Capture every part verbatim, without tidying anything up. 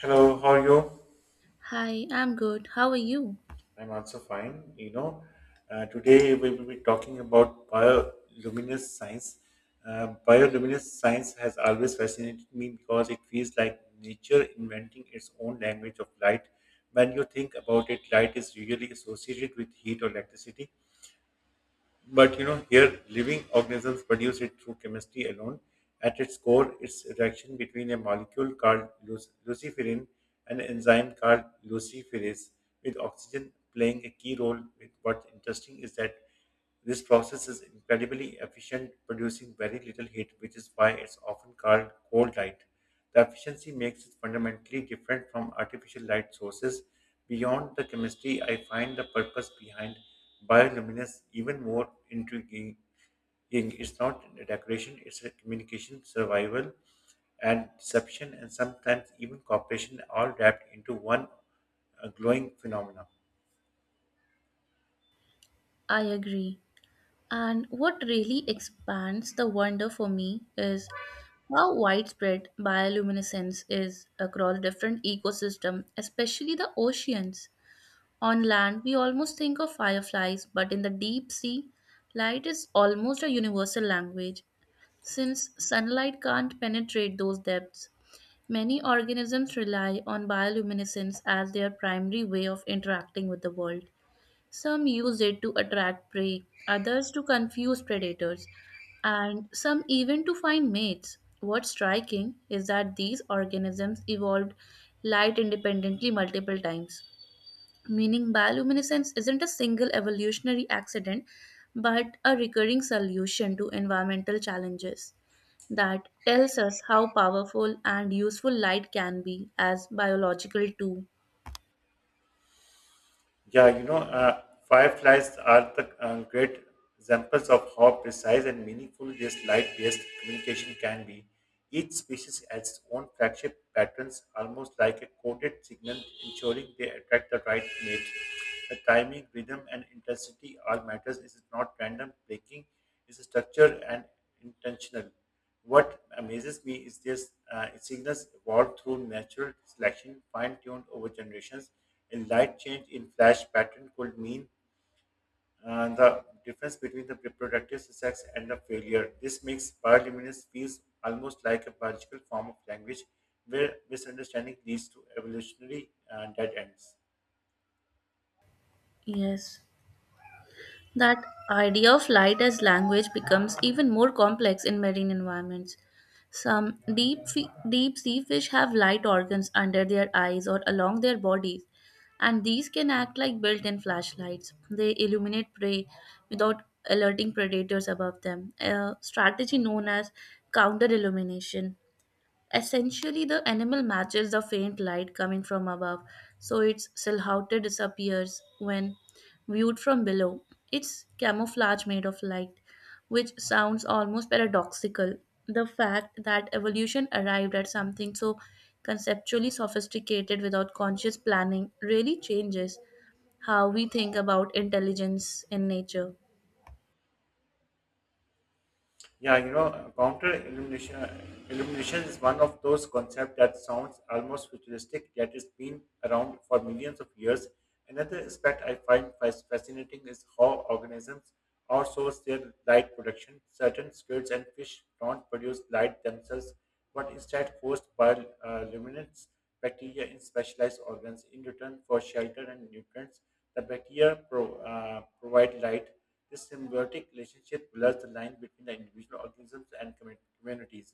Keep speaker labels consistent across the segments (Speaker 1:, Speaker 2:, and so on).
Speaker 1: Hello, how are you?
Speaker 2: Hi, I'm good. How are you?
Speaker 1: I'm also fine. You know, uh, today we will be talking about bioluminescence science. Uh, bioluminescence science has always fascinated me because it feels like nature inventing its own language of light. When you think about it, light is usually associated with heat or electricity, but you know, here living organisms produce it through chemistry alone. At its core, it's a reaction between a molecule called luc- luciferin and an enzyme called luciferase, with oxygen playing a key role. With what's interesting is that this process is incredibly efficient, producing very little heat, which is why it's often called cold light. The efficiency makes it fundamentally different from artificial light sources. Beyond the chemistry, I find the purpose behind bioluminescence even more intriguing. It's not a decoration, it's a communication, survival, and deception, and sometimes even cooperation, all wrapped into one uh, glowing phenomena.
Speaker 2: I agree. And what really expands the wonder for me is how widespread bioluminescence is across different ecosystems, especially the oceans. On land, we almost think of fireflies, but in the deep sea, light is almost a universal language. Since sunlight can't penetrate those depths, many organisms rely on bioluminescence as their primary way of interacting with the world. Some use it to attract prey, others to confuse predators, and some even to find mates. What's striking is that these organisms evolved light independently multiple times, meaning bioluminescence isn't a single evolutionary accident but a recurring solution to environmental challenges. That tells us how powerful and useful light can be as biological tool.
Speaker 1: Yeah, you know, uh, fireflies are the uh, great examples of how precise and meaningful this light-based communication can be. Each species has its own flagship patterns, almost like a coded signal, ensuring they attract the right mate. The timing, rhythm, and intensity all matters. It is not random breaking; it is structured and intentional. What amazes me is this uh, signals evolved through natural selection, fine tuned over generations. A light change in flash pattern could mean uh, the difference between the reproductive success and the failure. This makes bioluminescence feels almost like a biological form of language where misunderstanding leads to evolutionary uh, dead ends.
Speaker 2: Yes. That idea of light as language becomes even more complex in marine environments. Some deep, fe- deep sea fish have light organs under their eyes or along their bodies, and these can act like built in flashlights. They illuminate prey without alerting predators above them, a strategy known as counter illumination. Essentially, the animal matches the faint light coming from above, so its silhouette disappears when viewed from below. It's camouflage made of light, which sounds almost paradoxical. The fact that evolution arrived at something so conceptually sophisticated without conscious planning really changes how we think about intelligence in nature.
Speaker 1: Yeah, you know, uh, counter illumination, illumination is one of those concepts that sounds almost futuristic, yet it's been around for millions of years. Another aspect I find fas- fascinating is how organisms outsource their light production. Certain squids and fish don't produce light themselves, but instead host bioluminescent bacteria in specialized organs in return for shelter and nutrients. The bacteria pro, uh, provide light. This symbiotic relationship blurs the line between the individual organisms and commu- communities.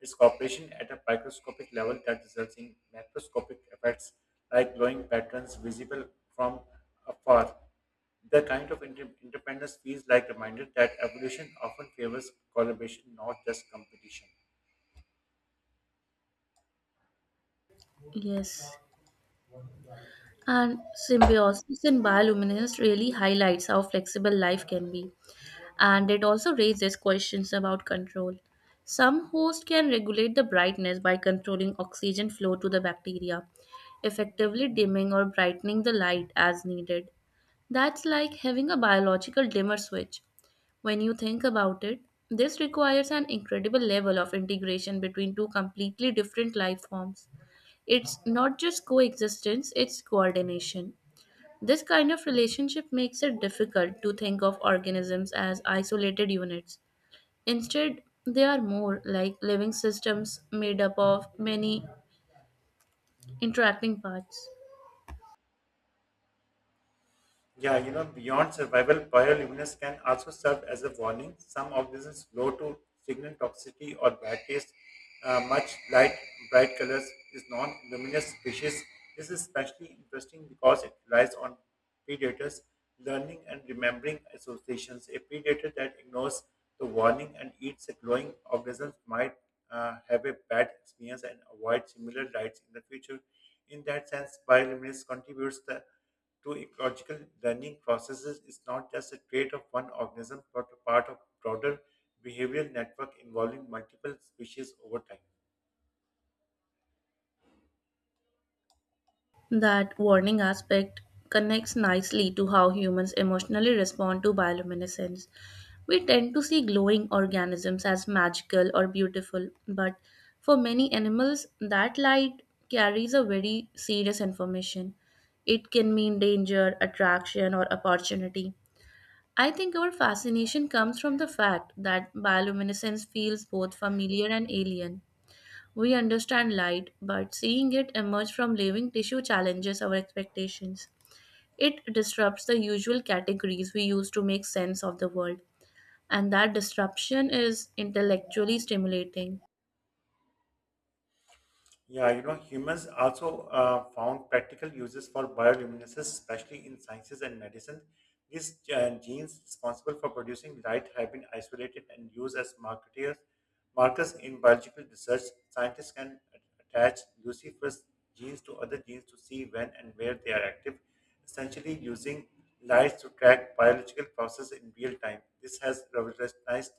Speaker 1: It's cooperation at a microscopic level that results in macroscopic effects like glowing patterns visible from afar. The kind of inter- independence feels like a reminder that evolution often favors collaboration, not just competition.
Speaker 2: Yes. And symbiosis in bioluminescence really highlights how flexible life can be. And it also raises questions about control. Some hosts can regulate the brightness by controlling oxygen flow to the bacteria, effectively dimming or brightening the light as needed. That's like having a biological dimmer switch. When you think about it, this requires an incredible level of integration between two completely different life forms. It's not just coexistence, it's coordination. This kind of relationship makes it difficult to think of organisms as isolated units. Instead, they are more like living systems made up of many interacting parts.
Speaker 1: Yeah, you know, beyond survival, bioluminescence can also serve as a warning. Some organisms glow to signal toxicity or bad taste. Uh, much light, bright colors is non-luminous species. This is especially interesting because it relies on predators learning and remembering associations. A predator that ignores the warning and eats a glowing organism might uh, have a bad experience and avoid similar lights in the future. In that sense, bioluminescence contributes the to ecological learning processes is not just a trait of one organism but a part of broader behavioral network involving multiple species over time.
Speaker 2: That warning aspect connects nicely to how humans emotionally respond to bioluminescence. We tend to see glowing organisms as magical or beautiful, but for many animals, that light carries a very serious information. It can mean danger, attraction, or opportunity. I think our fascination comes from the fact that bioluminescence feels both familiar and alien. We understand light, but seeing it emerge from living tissue challenges our expectations. It disrupts the usual categories we use to make sense of the world, and that disruption is intellectually stimulating.
Speaker 1: Yeah, you know, humans also uh, found practical uses for bioluminescence, especially in sciences and medicine. These uh, genes responsible for producing light have been isolated and used as marketers, markers in biological research. Scientists can attach Lucifer's genes to other genes to see when and where they are active, essentially using lights to track biological processes in real time. This has revolutionized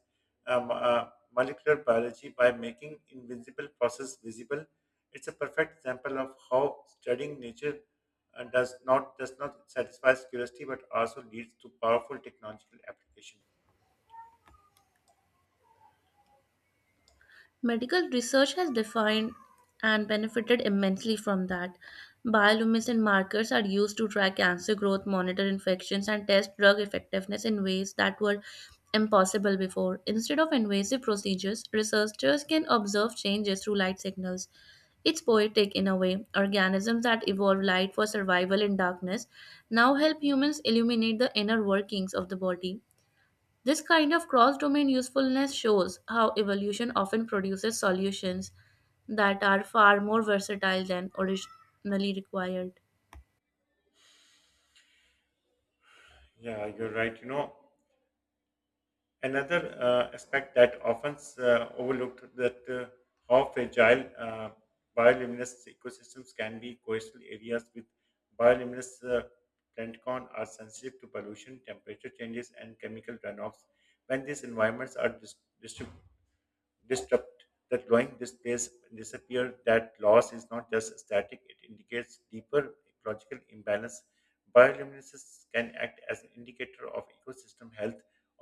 Speaker 1: um, uh, molecular biology by making invisible process visible. It's a perfect example of how studying nature uh, does not does not satisfy curiosity but also leads to powerful technological application.
Speaker 2: Medical research has defined and benefited immensely from that. Bioluminescent markers are used to track cancer growth, monitor infections, and test drug effectiveness in ways that were impossible before. Instead of invasive procedures, researchers can observe changes through light signals. It's poetic in a way. Organisms that evolved light for survival in darkness now help humans illuminate the inner workings of the body. This kind of cross domain usefulness shows how evolution often produces solutions that are far more versatile than originally required.
Speaker 1: Yeah, you're right. You know, Another uh, aspect that often uh, overlooked that uh, how fragile uh, bioluminous ecosystems can be. Coastal areas with bioluminous uh, plankton are sensitive to pollution, temperature changes, and chemical runoffs. When these environments are dis- disrupt, the growing this disappear. That loss is not just static; it indicates deeper ecological imbalance. Bioluminescence can act as an indicator of ecosystem health,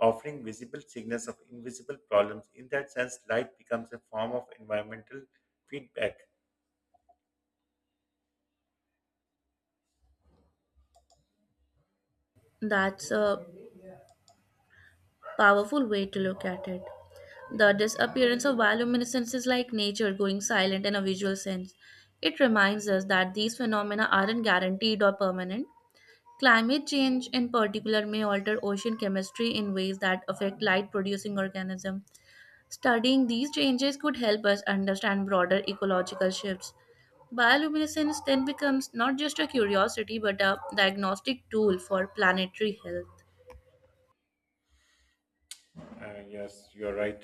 Speaker 1: offering visible signals of invisible problems. In that sense, light becomes a form of environmental feedback.
Speaker 2: That's a powerful way to look at it. The disappearance of bioluminescence is like nature going silent in a visual sense. It reminds us that these phenomena aren't guaranteed or permanent. Climate change, in particular, may alter ocean chemistry in ways that affect light producing organisms. Studying these changes could help us understand broader ecological shifts. Bioluminescence then becomes not just a curiosity but a diagnostic tool for planetary health.
Speaker 1: Uh, yes, you're right.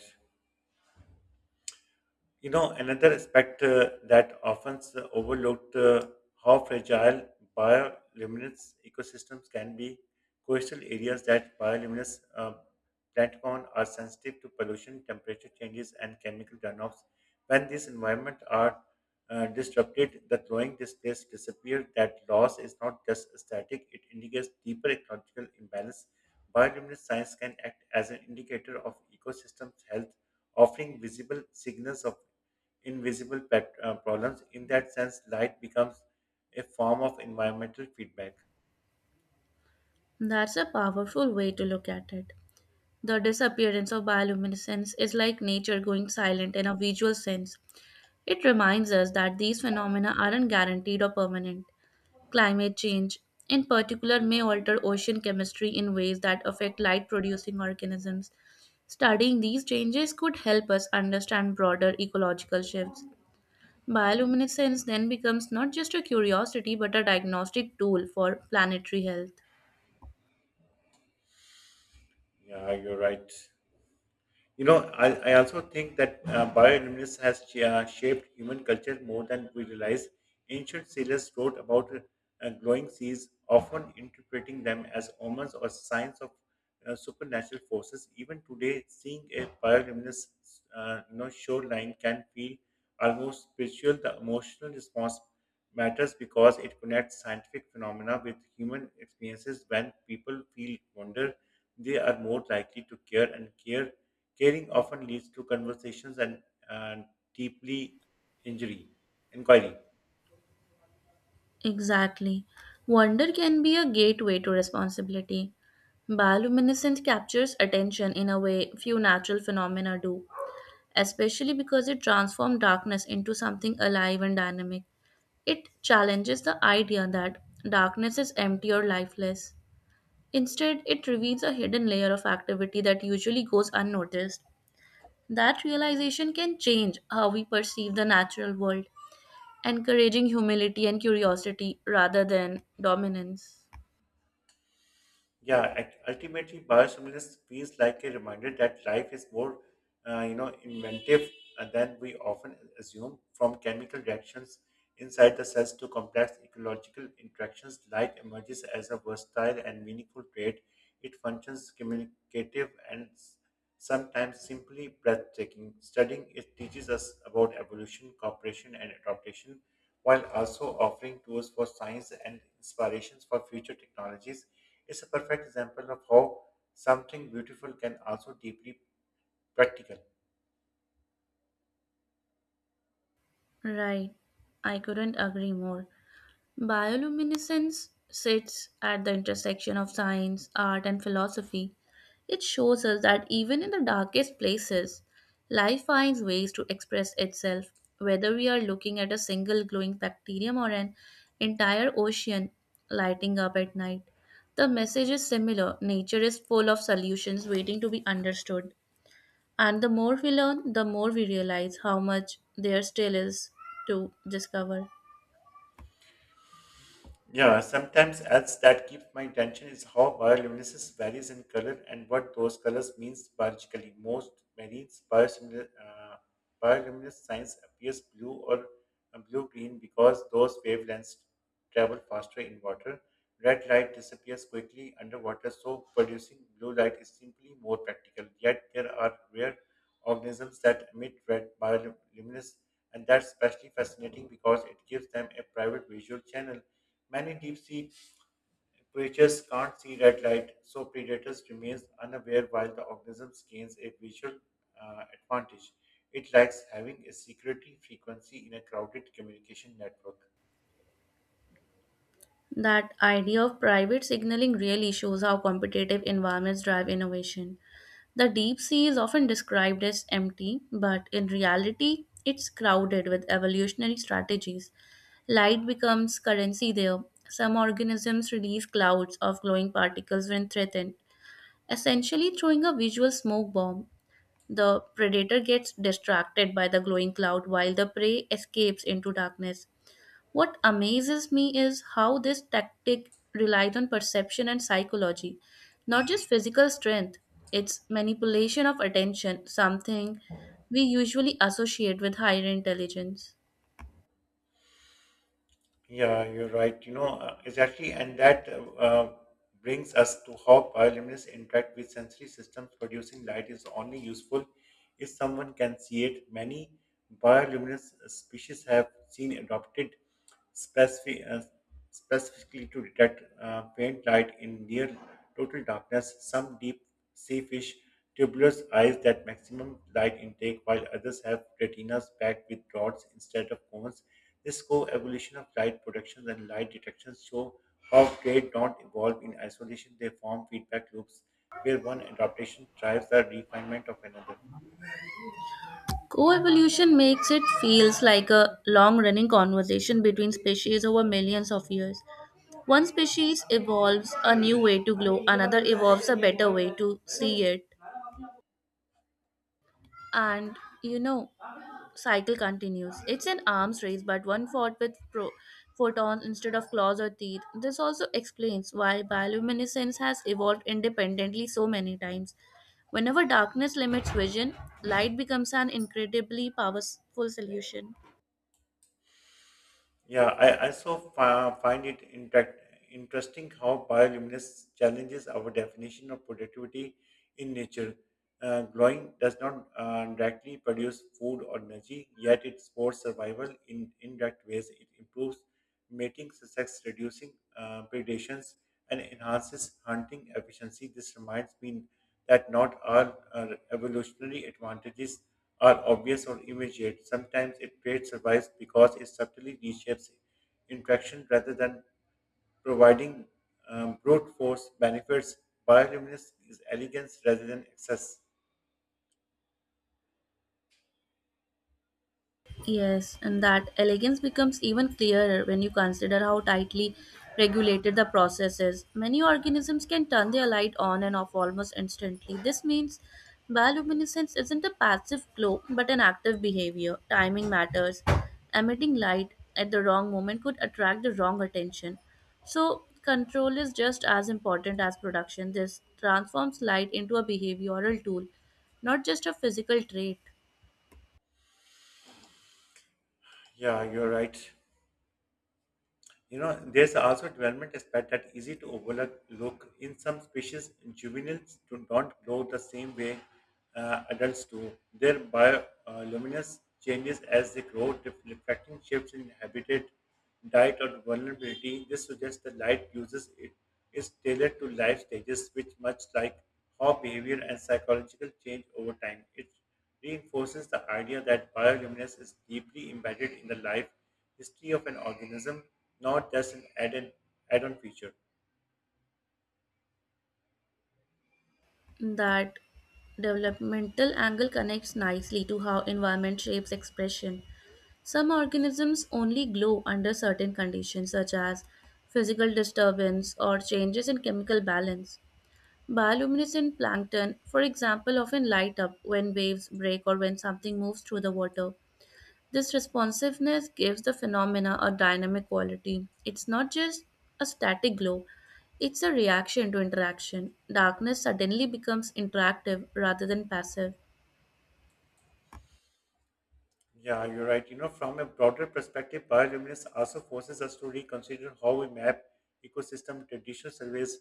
Speaker 1: You know, another aspect uh, that often is overlooked, uh, how fragile bioluminous ecosystems can be. Coastal areas that bioluminous uh, plankton are sensitive to pollution, temperature changes, and chemical runoffs. When these environments are uh, disrupted, the growing displays disappear. That loss is not just static; it indicates deeper ecological imbalance. Bioluminous science can act as an indicator of ecosystems' health, offering visible signals of invisible pet, uh, problems. In that sense, light becomes a form of environmental feedback.
Speaker 2: That's a powerful way to look at it. The disappearance of bioluminescence is like nature going silent in a visual sense. It reminds us that these phenomena aren't guaranteed or permanent. Climate change, in particular, may alter ocean chemistry in ways that affect light producing organisms. Studying these changes could help us understand broader ecological shifts. Bioluminescence then becomes not just a curiosity but a diagnostic tool for planetary health.
Speaker 1: Yeah, you're right. You know, I, I also think that uh, bioluminescence has sh- uh, shaped human culture more than we realize. Ancient sailors wrote about uh, glowing seas, often interpreting them as omens or signs of uh, supernatural forces. Even today, seeing a bioluminescent uh, you know, shoreline can feel almost spiritual. The emotional response matters because it connects scientific phenomena with human experiences. When people feel wonder, they are more likely to care, and care caring often leads to conversations and uh, deeply injury inquiry.
Speaker 2: Exactly. Wonder can be a gateway to responsibility. Bioluminescence captures attention in a way few natural phenomena do, especially because it transforms darkness into something alive and dynamic. It challenges the idea that darkness is empty or lifeless. Instead, it reveals a hidden layer of activity that usually goes unnoticed. That realization can change how we perceive the natural world, encouraging humility and curiosity rather than dominance.
Speaker 1: Yeah, ult- ultimately, biosimilars feels like a reminder that life is more, uh, you know, inventive, uh, than we often assume. From chemical reactions inside the cells to complex ecological interactions, life emerges as a versatile and meaningful trait. It functions communicative and s- sometimes simply breathtaking. Studying it teaches us about evolution, cooperation, and adaptation, while also offering tools for science and inspirations for future technologies. It's a perfect example of how something beautiful can also deeply practical.
Speaker 2: Right, I couldn't agree more. Bioluminescence sits at the intersection of science, art, and philosophy. It shows us that even in the darkest places, life finds ways to express itself. Whether we are looking at a single glowing bacterium or an entire ocean lighting up at night, the message is similar. Nature is full of solutions waiting to be understood. And the more we learn, the more we realize how much there still is to discover.
Speaker 1: Yeah, sometimes else that keeps my attention is how bioluminescence varies in color and what those colors means biologically. Most marine bioluminescence, uh, bioluminescence signs appears blue or uh, blue-green because those wavelengths travel faster in water. Red light disappears quickly underwater, so producing blue light is simply more practical. Yet there are rare organisms that emit red bioluminescence, and that's especially fascinating because it gives them a private visual channel. Many deep sea creatures can't see red light, so predators remain unaware while the organism gains a visual uh, advantage. It lacks having a security frequency in a crowded communication network.
Speaker 2: That idea of private signaling really shows how competitive environments drive innovation. The deep sea is often described as empty, but in reality, it's crowded with evolutionary strategies. Light becomes currency there. Some organisms release clouds of glowing particles when threatened, essentially throwing a visual smoke bomb. The predator gets distracted by the glowing cloud while the prey escapes into darkness. What amazes me is how this tactic relies on perception and psychology, not just physical strength. It's manipulation of attention, something we usually associate with higher intelligence.
Speaker 1: Yeah, you're right. You know, uh, exactly. And that uh, uh, brings us to how bioluminescence interact with sensory systems. Producing light is only useful if someone can see it. Many bioluminescent species have seen adopted specific, uh, specifically to detect uh, faint light in near total darkness. Some deep sea fish Tubulars eyes that maximum light intake, while others have retinas packed with rods instead of cones. This co-evolution of light production and light detection show how traits don't evolve in isolation; they form feedback loops where one adaptation drives the refinement of another.
Speaker 2: Coevolution makes it feels like a long-running conversation between species over millions of years. One species evolves a new way to glow, another evolves a better way to see it. And you know, cycle continues. It's an arms race, but one fought with pro- photons instead of claws or teeth. This also explains why bioluminescence has evolved independently so many times. Whenever darkness limits vision, light becomes an incredibly powerful solution.
Speaker 1: Yeah, I also fi- find it intact, interesting how bioluminescence challenges our definition of productivity in nature. Uh, growing does not uh, directly produce food or energy, yet it supports survival in indirect ways. It improves mating success, reducing uh, predations, and enhances hunting efficiency. This reminds me that not all uh, evolutionary advantages are obvious or immediate. Sometimes a trait survives because it subtly reshapes interaction rather than providing um, brute force benefits. Bioluminescence is elegance rather than excess.
Speaker 2: Yes, and that elegance becomes even clearer when you consider how tightly regulated the process is. Many organisms can turn their light on and off almost instantly. This means bioluminescence isn't a passive glow but an active behavior. Timing matters. Emitting light at the wrong moment could attract the wrong attention. So, control is just as important as production. This transforms light into a behavioral tool, not just a physical trait.
Speaker 1: Yeah, you're right. You know, there's also development aspect that easy to overlook. In some species, juveniles do not grow the same way uh, adults do. Their bioluminescence changes as they grow, def- reflecting shifts in habitat, diet, or vulnerability. This suggests the light uses it is tailored to life stages, which much like how behavior and psychological change over time. It reinforces the idea that bioluminescence is deeply embedded in the life history of an organism, not just an added add-on feature.
Speaker 2: That developmental angle connects nicely to how environment shapes expression. Some organisms only glow under certain conditions, such as physical disturbance or changes in chemical balance. Bioluminescent plankton, for example, often light up when waves break or when something moves through the water. This responsiveness gives the phenomena a dynamic quality. It's not just a static glow, it's a reaction to interaction. Darkness suddenly becomes interactive rather than passive.
Speaker 1: Yeah, you're right. You know, from a broader perspective, bioluminescence also forces us to reconsider how we map ecosystem. Traditional surveys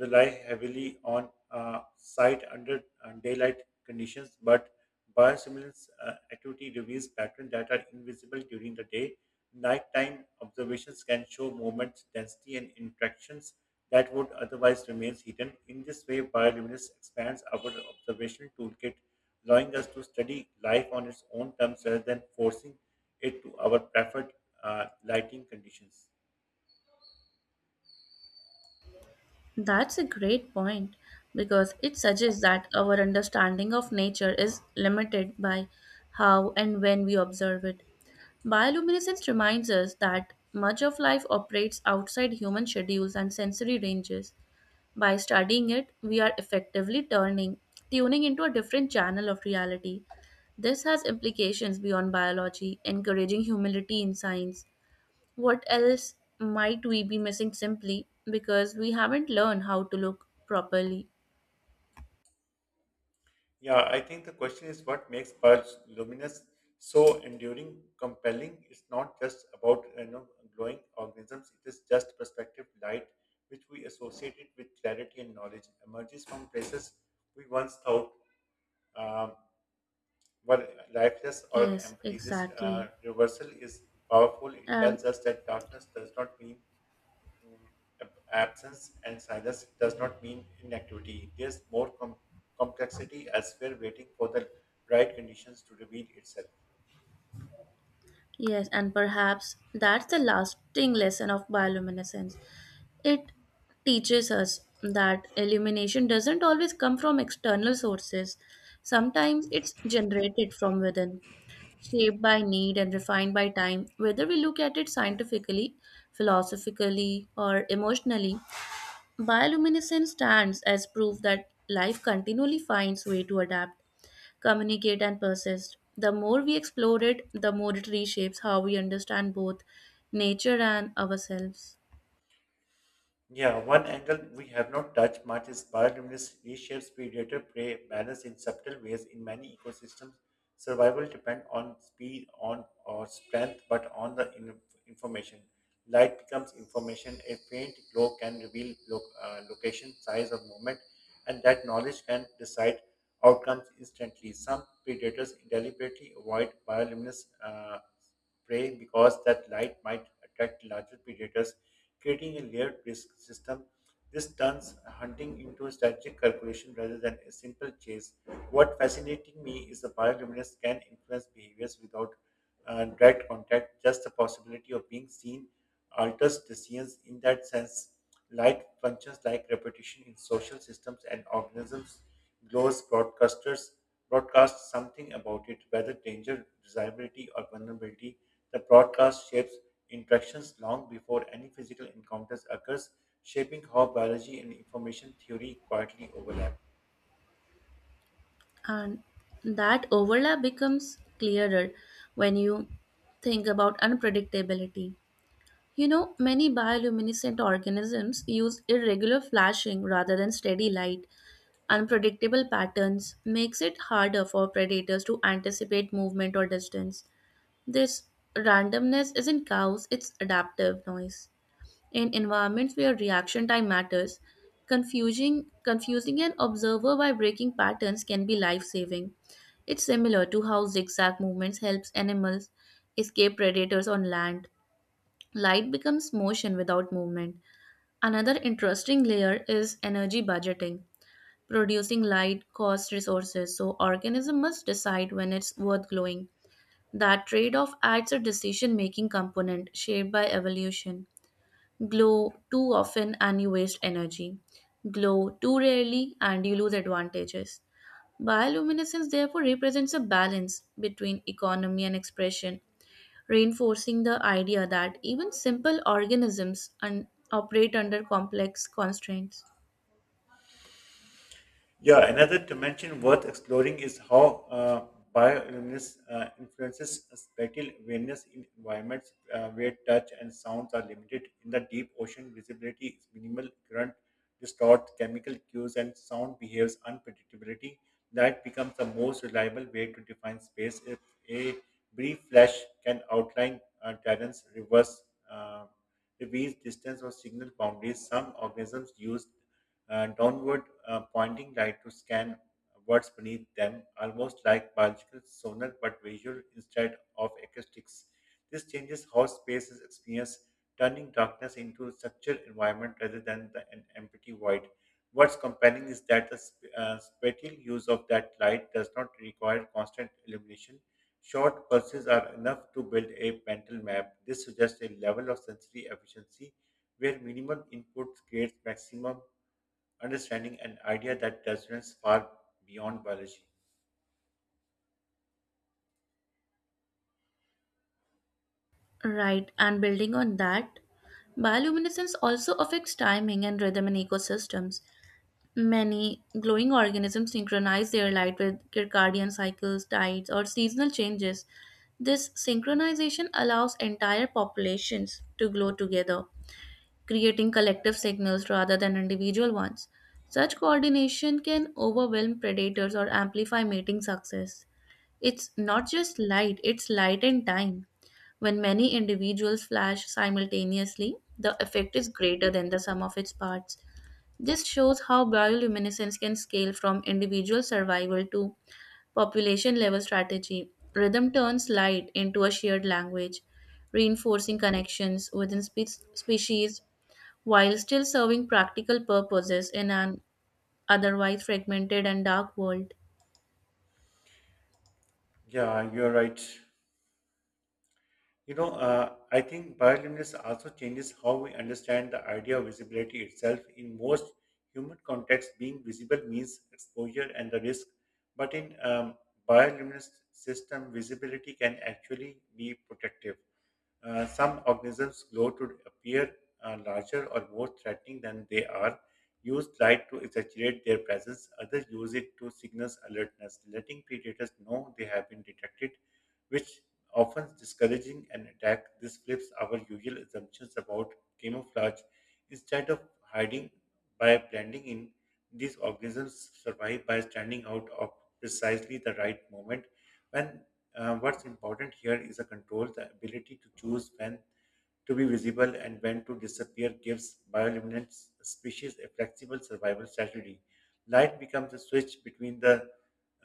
Speaker 1: rely heavily on uh, site under uh, daylight conditions, but bioluminescence uh, activity reveals patterns that are invisible during the day. Nighttime observations can show movements, density, and interactions that would otherwise remain hidden. In this way, bioluminescence expands our observation toolkit, allowing us to study life on its own terms rather than forcing it to our preferred uh, lighting conditions.
Speaker 2: That's a great point because it suggests that our understanding of nature is limited by how and when we observe it. Bioluminescence reminds us that much of life operates outside human schedules and sensory ranges. By studying it, we are effectively turning tuning into a different channel of reality. This has implications beyond biology, encouraging humility in science. What else might we be missing simply because we haven't learned how to look properly?
Speaker 1: Yeah, I think the question is what makes pearls luminous so enduring, compelling. It's not just about you know glowing organisms. It is just perspective light, which we associate it with clarity and knowledge, emerges from places we once thought um, were lifeless or
Speaker 2: Yes,
Speaker 1: empty. This uh,
Speaker 2: exactly.
Speaker 1: reversal is powerful. It
Speaker 2: And
Speaker 1: tells us that darkness does not mean Mm, ab- absence and silence does not mean inactivity. There's more com- complexity elsewhere waiting for the right conditions to reveal itself.
Speaker 2: yes, and perhaps that's the lasting lesson of bioluminescence. It teaches us that illumination doesn't always come from external sources. Sometimes it's generated from within, shaped by need and refined by time. Whether we look at it scientifically, philosophically, or emotionally, bioluminescence stands as proof that life continually finds way to adapt, communicate, and persist. The more we explore it, the more it reshapes how we understand both nature and ourselves.
Speaker 1: Yeah, one angle we have not touched much is bioluminescence reshapes predator prey balance in subtle ways in many ecosystems. Survival depends on speed, on or strength, but on the in- information. Light becomes information. A faint glow can reveal lo- uh, location, size, or movement, and that knowledge can decide outcomes instantly. Some predators deliberately avoid bioluminescent uh, prey because that light might attract larger predators, creating a layered risk system. This turns hunting into a strategic calculation rather than a simple chase. What fascinating me is the bioluminescence can influence behaviors without uh, direct contact, just the possibility of being seen alters decisions in that sense. Light functions like repetition in social systems and organisms, glows broadcasters broadcast something about it, whether danger, desirability, or vulnerability. The broadcast shapes interactions long before any physical encounters occurs, shaping how biology and information theory quietly overlap.
Speaker 2: And that overlap becomes clearer when you think about unpredictability. You know, many bioluminescent organisms use irregular flashing rather than steady light. Unpredictable patterns makes it harder for predators to anticipate movement or distance. This randomness isn't chaos, it's adaptive noise. In environments where reaction time matters, confusing, confusing an observer by breaking patterns can be life saving. It's similar to how zigzag movements helps animals escape predators on land. Light becomes motion without movement. Another interesting layer is energy budgeting. Producing light costs resources, so organism must decide when it's worth glowing. That trade-off adds a decision-making component shaped by evolution. Glow too often and you waste energy. Glow too rarely and you lose advantages. Bioluminescence therefore represents a balance between economy and expression, reinforcing the idea that even simple organisms un- operate under complex constraints.
Speaker 1: Yeah, another dimension worth exploring is how uh, bioluminescence uh, influences spatial awareness in environments uh, where touch and sounds are limited. In the deep ocean, visibility is minimal, current distorts chemical cues, and sound behaves unpredictability. Light becomes the most reliable way to define space if a brief flash can outline uh, terrains, reverse, uh, reveals distance, or signal boundaries. Some organisms use uh, downward uh, pointing light to scan what's beneath them, almost like biological sonar but visual instead of acoustics. This changes how space is experienced, turning darkness into a structured environment rather than the, an empty void. What's compelling is that the sp- uh, spatial use of that light does not require constant illumination. Short pulses are enough to build a mental map. This suggests a level of sensory efficiency where minimal input creates maximum understanding an idea that resonates far beyond biology.
Speaker 2: Right, and building on that, bioluminescence also affects timing and rhythm in ecosystems. Many glowing organisms synchronize their light with circadian cycles, tides, or seasonal changes. This synchronization allows entire populations to glow together, creating collective signals rather than individual ones. Such coordination can overwhelm predators or amplify mating success. It's not just light, it's light and time. When many individuals flash simultaneously, the effect is greater than the sum of its parts. This shows how bioluminescence can scale from individual survival to population level strategy. Rhythm turns light into a shared language, reinforcing connections within spe- species while still serving practical purposes in an otherwise fragmented and dark world.
Speaker 1: Yeah, you're right. You know, uh, I think bioluminescence also changes how we understand the idea of visibility itself. In most human contexts, being visible means exposure and the risk. But in um, bioluminescent system, visibility can actually be protective. Uh, some organisms glow to appear uh, larger or more threatening than they are. Use light to exaggerate their presence. Others use it to signal alertness, letting predators know they have been detected, which often discouraging an attack. This flips our usual assumptions about camouflage. Instead of hiding by blending in, these organisms survive by standing out of precisely the right moment. When uh, What's important here is a control, the ability to choose when to be visible and when to disappear gives bioluminescent species a flexible survival strategy. Light becomes a switch between the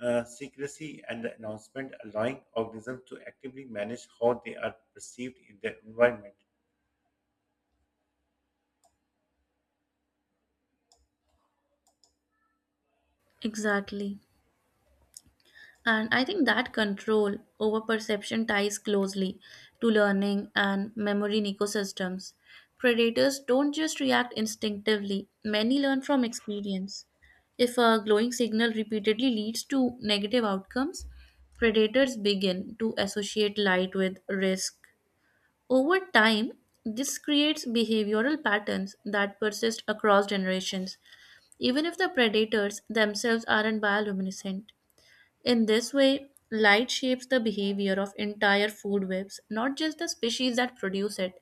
Speaker 1: uh, secrecy and the announcement, allowing organisms to actively manage how they are perceived in their environment.
Speaker 2: Exactly. And I think that control over perception ties closely to learning and memory in ecosystems. Predators don't just react instinctively, many learn from experience. If a glowing signal repeatedly leads to negative outcomes, predators begin to associate light with risk. Over time, this creates behavioral patterns that persist across generations, even if the predators themselves aren't bioluminescent. In this way, light shapes the behavior of entire food webs, not just the species that produce it.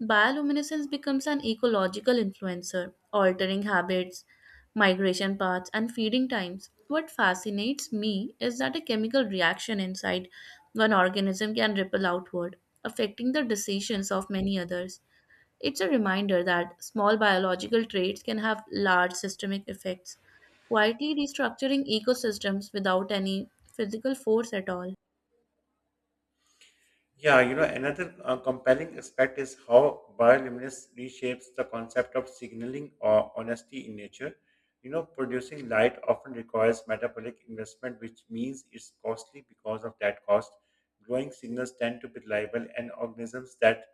Speaker 2: Bioluminescence becomes an ecological influencer, altering habits, migration paths, and feeding times. What fascinates me is that a chemical reaction inside one organism can ripple outward, affecting the decisions of many others. It's a reminder that small biological traits can have large systemic effects, quietly restructuring ecosystems without any physical force at all.
Speaker 1: Yeah, you know, another uh, compelling aspect is how bioluminescence reshapes the concept of signaling or honesty in nature. You know, producing light often requires metabolic investment, which means it's costly because of that cost. Glowing signals tend to be reliable, and organisms that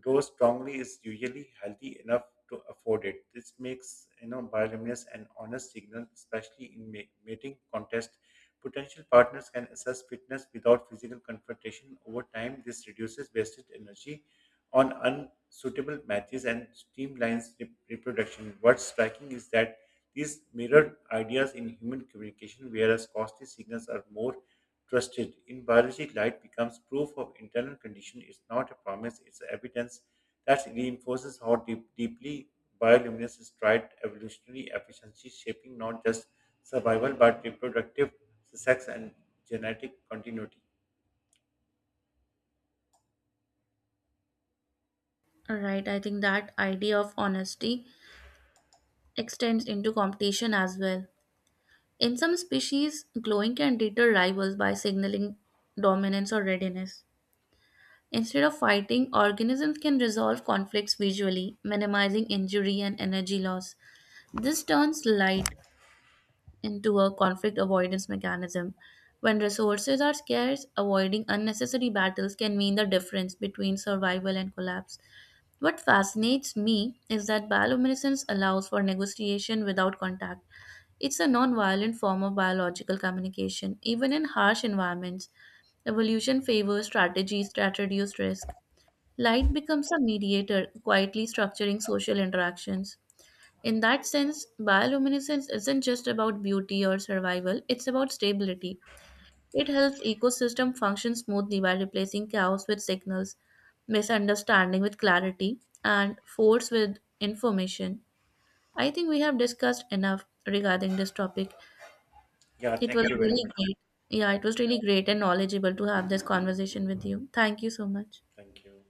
Speaker 1: grow strongly is usually healthy enough to afford it. This makes you know bioluminescence an honest signal, especially in ma- mating contest. Potential partners can assess fitness without physical confrontation. Over time, this reduces wasted energy on unsuitable matches and streamlines re- reproduction. What's striking is that these mirrored ideas in human communication, whereas costly signals are more trusted. In biology, light becomes proof of internal condition. It's not a promise, it's evidence that reinforces how deep, deeply bioluminescence is tried evolutionary efficiency, shaping not just survival but reproductive sex and genetic continuity.
Speaker 2: Alright, I think that idea of honesty extends into competition as well. In some species, glowing can deter rivals by signaling dominance or readiness. Instead of fighting, organisms can resolve conflicts visually, minimizing injury and energy loss. This turns light into a conflict avoidance mechanism. When resources are scarce, avoiding unnecessary battles can mean the difference between survival and collapse. What fascinates me is that bioluminescence allows for negotiation without contact. It's a non-violent form of biological communication, even in harsh environments. Evolution favors strategies that reduce risk. Light becomes a mediator, quietly structuring social interactions. In that sense, bioluminescence isn't just about beauty or survival, it's about stability. It helps ecosystem function smoothly by replacing chaos with signals, misunderstanding with clarity, and force with information. I think we have discussed enough regarding this topic.
Speaker 1: Yeah,
Speaker 2: It was
Speaker 1: thank you very
Speaker 2: really
Speaker 1: much.
Speaker 2: great. Yeah,
Speaker 1: Yeah,
Speaker 2: it was really great and knowledgeable to have this conversation with you. Thank you so much.
Speaker 1: thank you.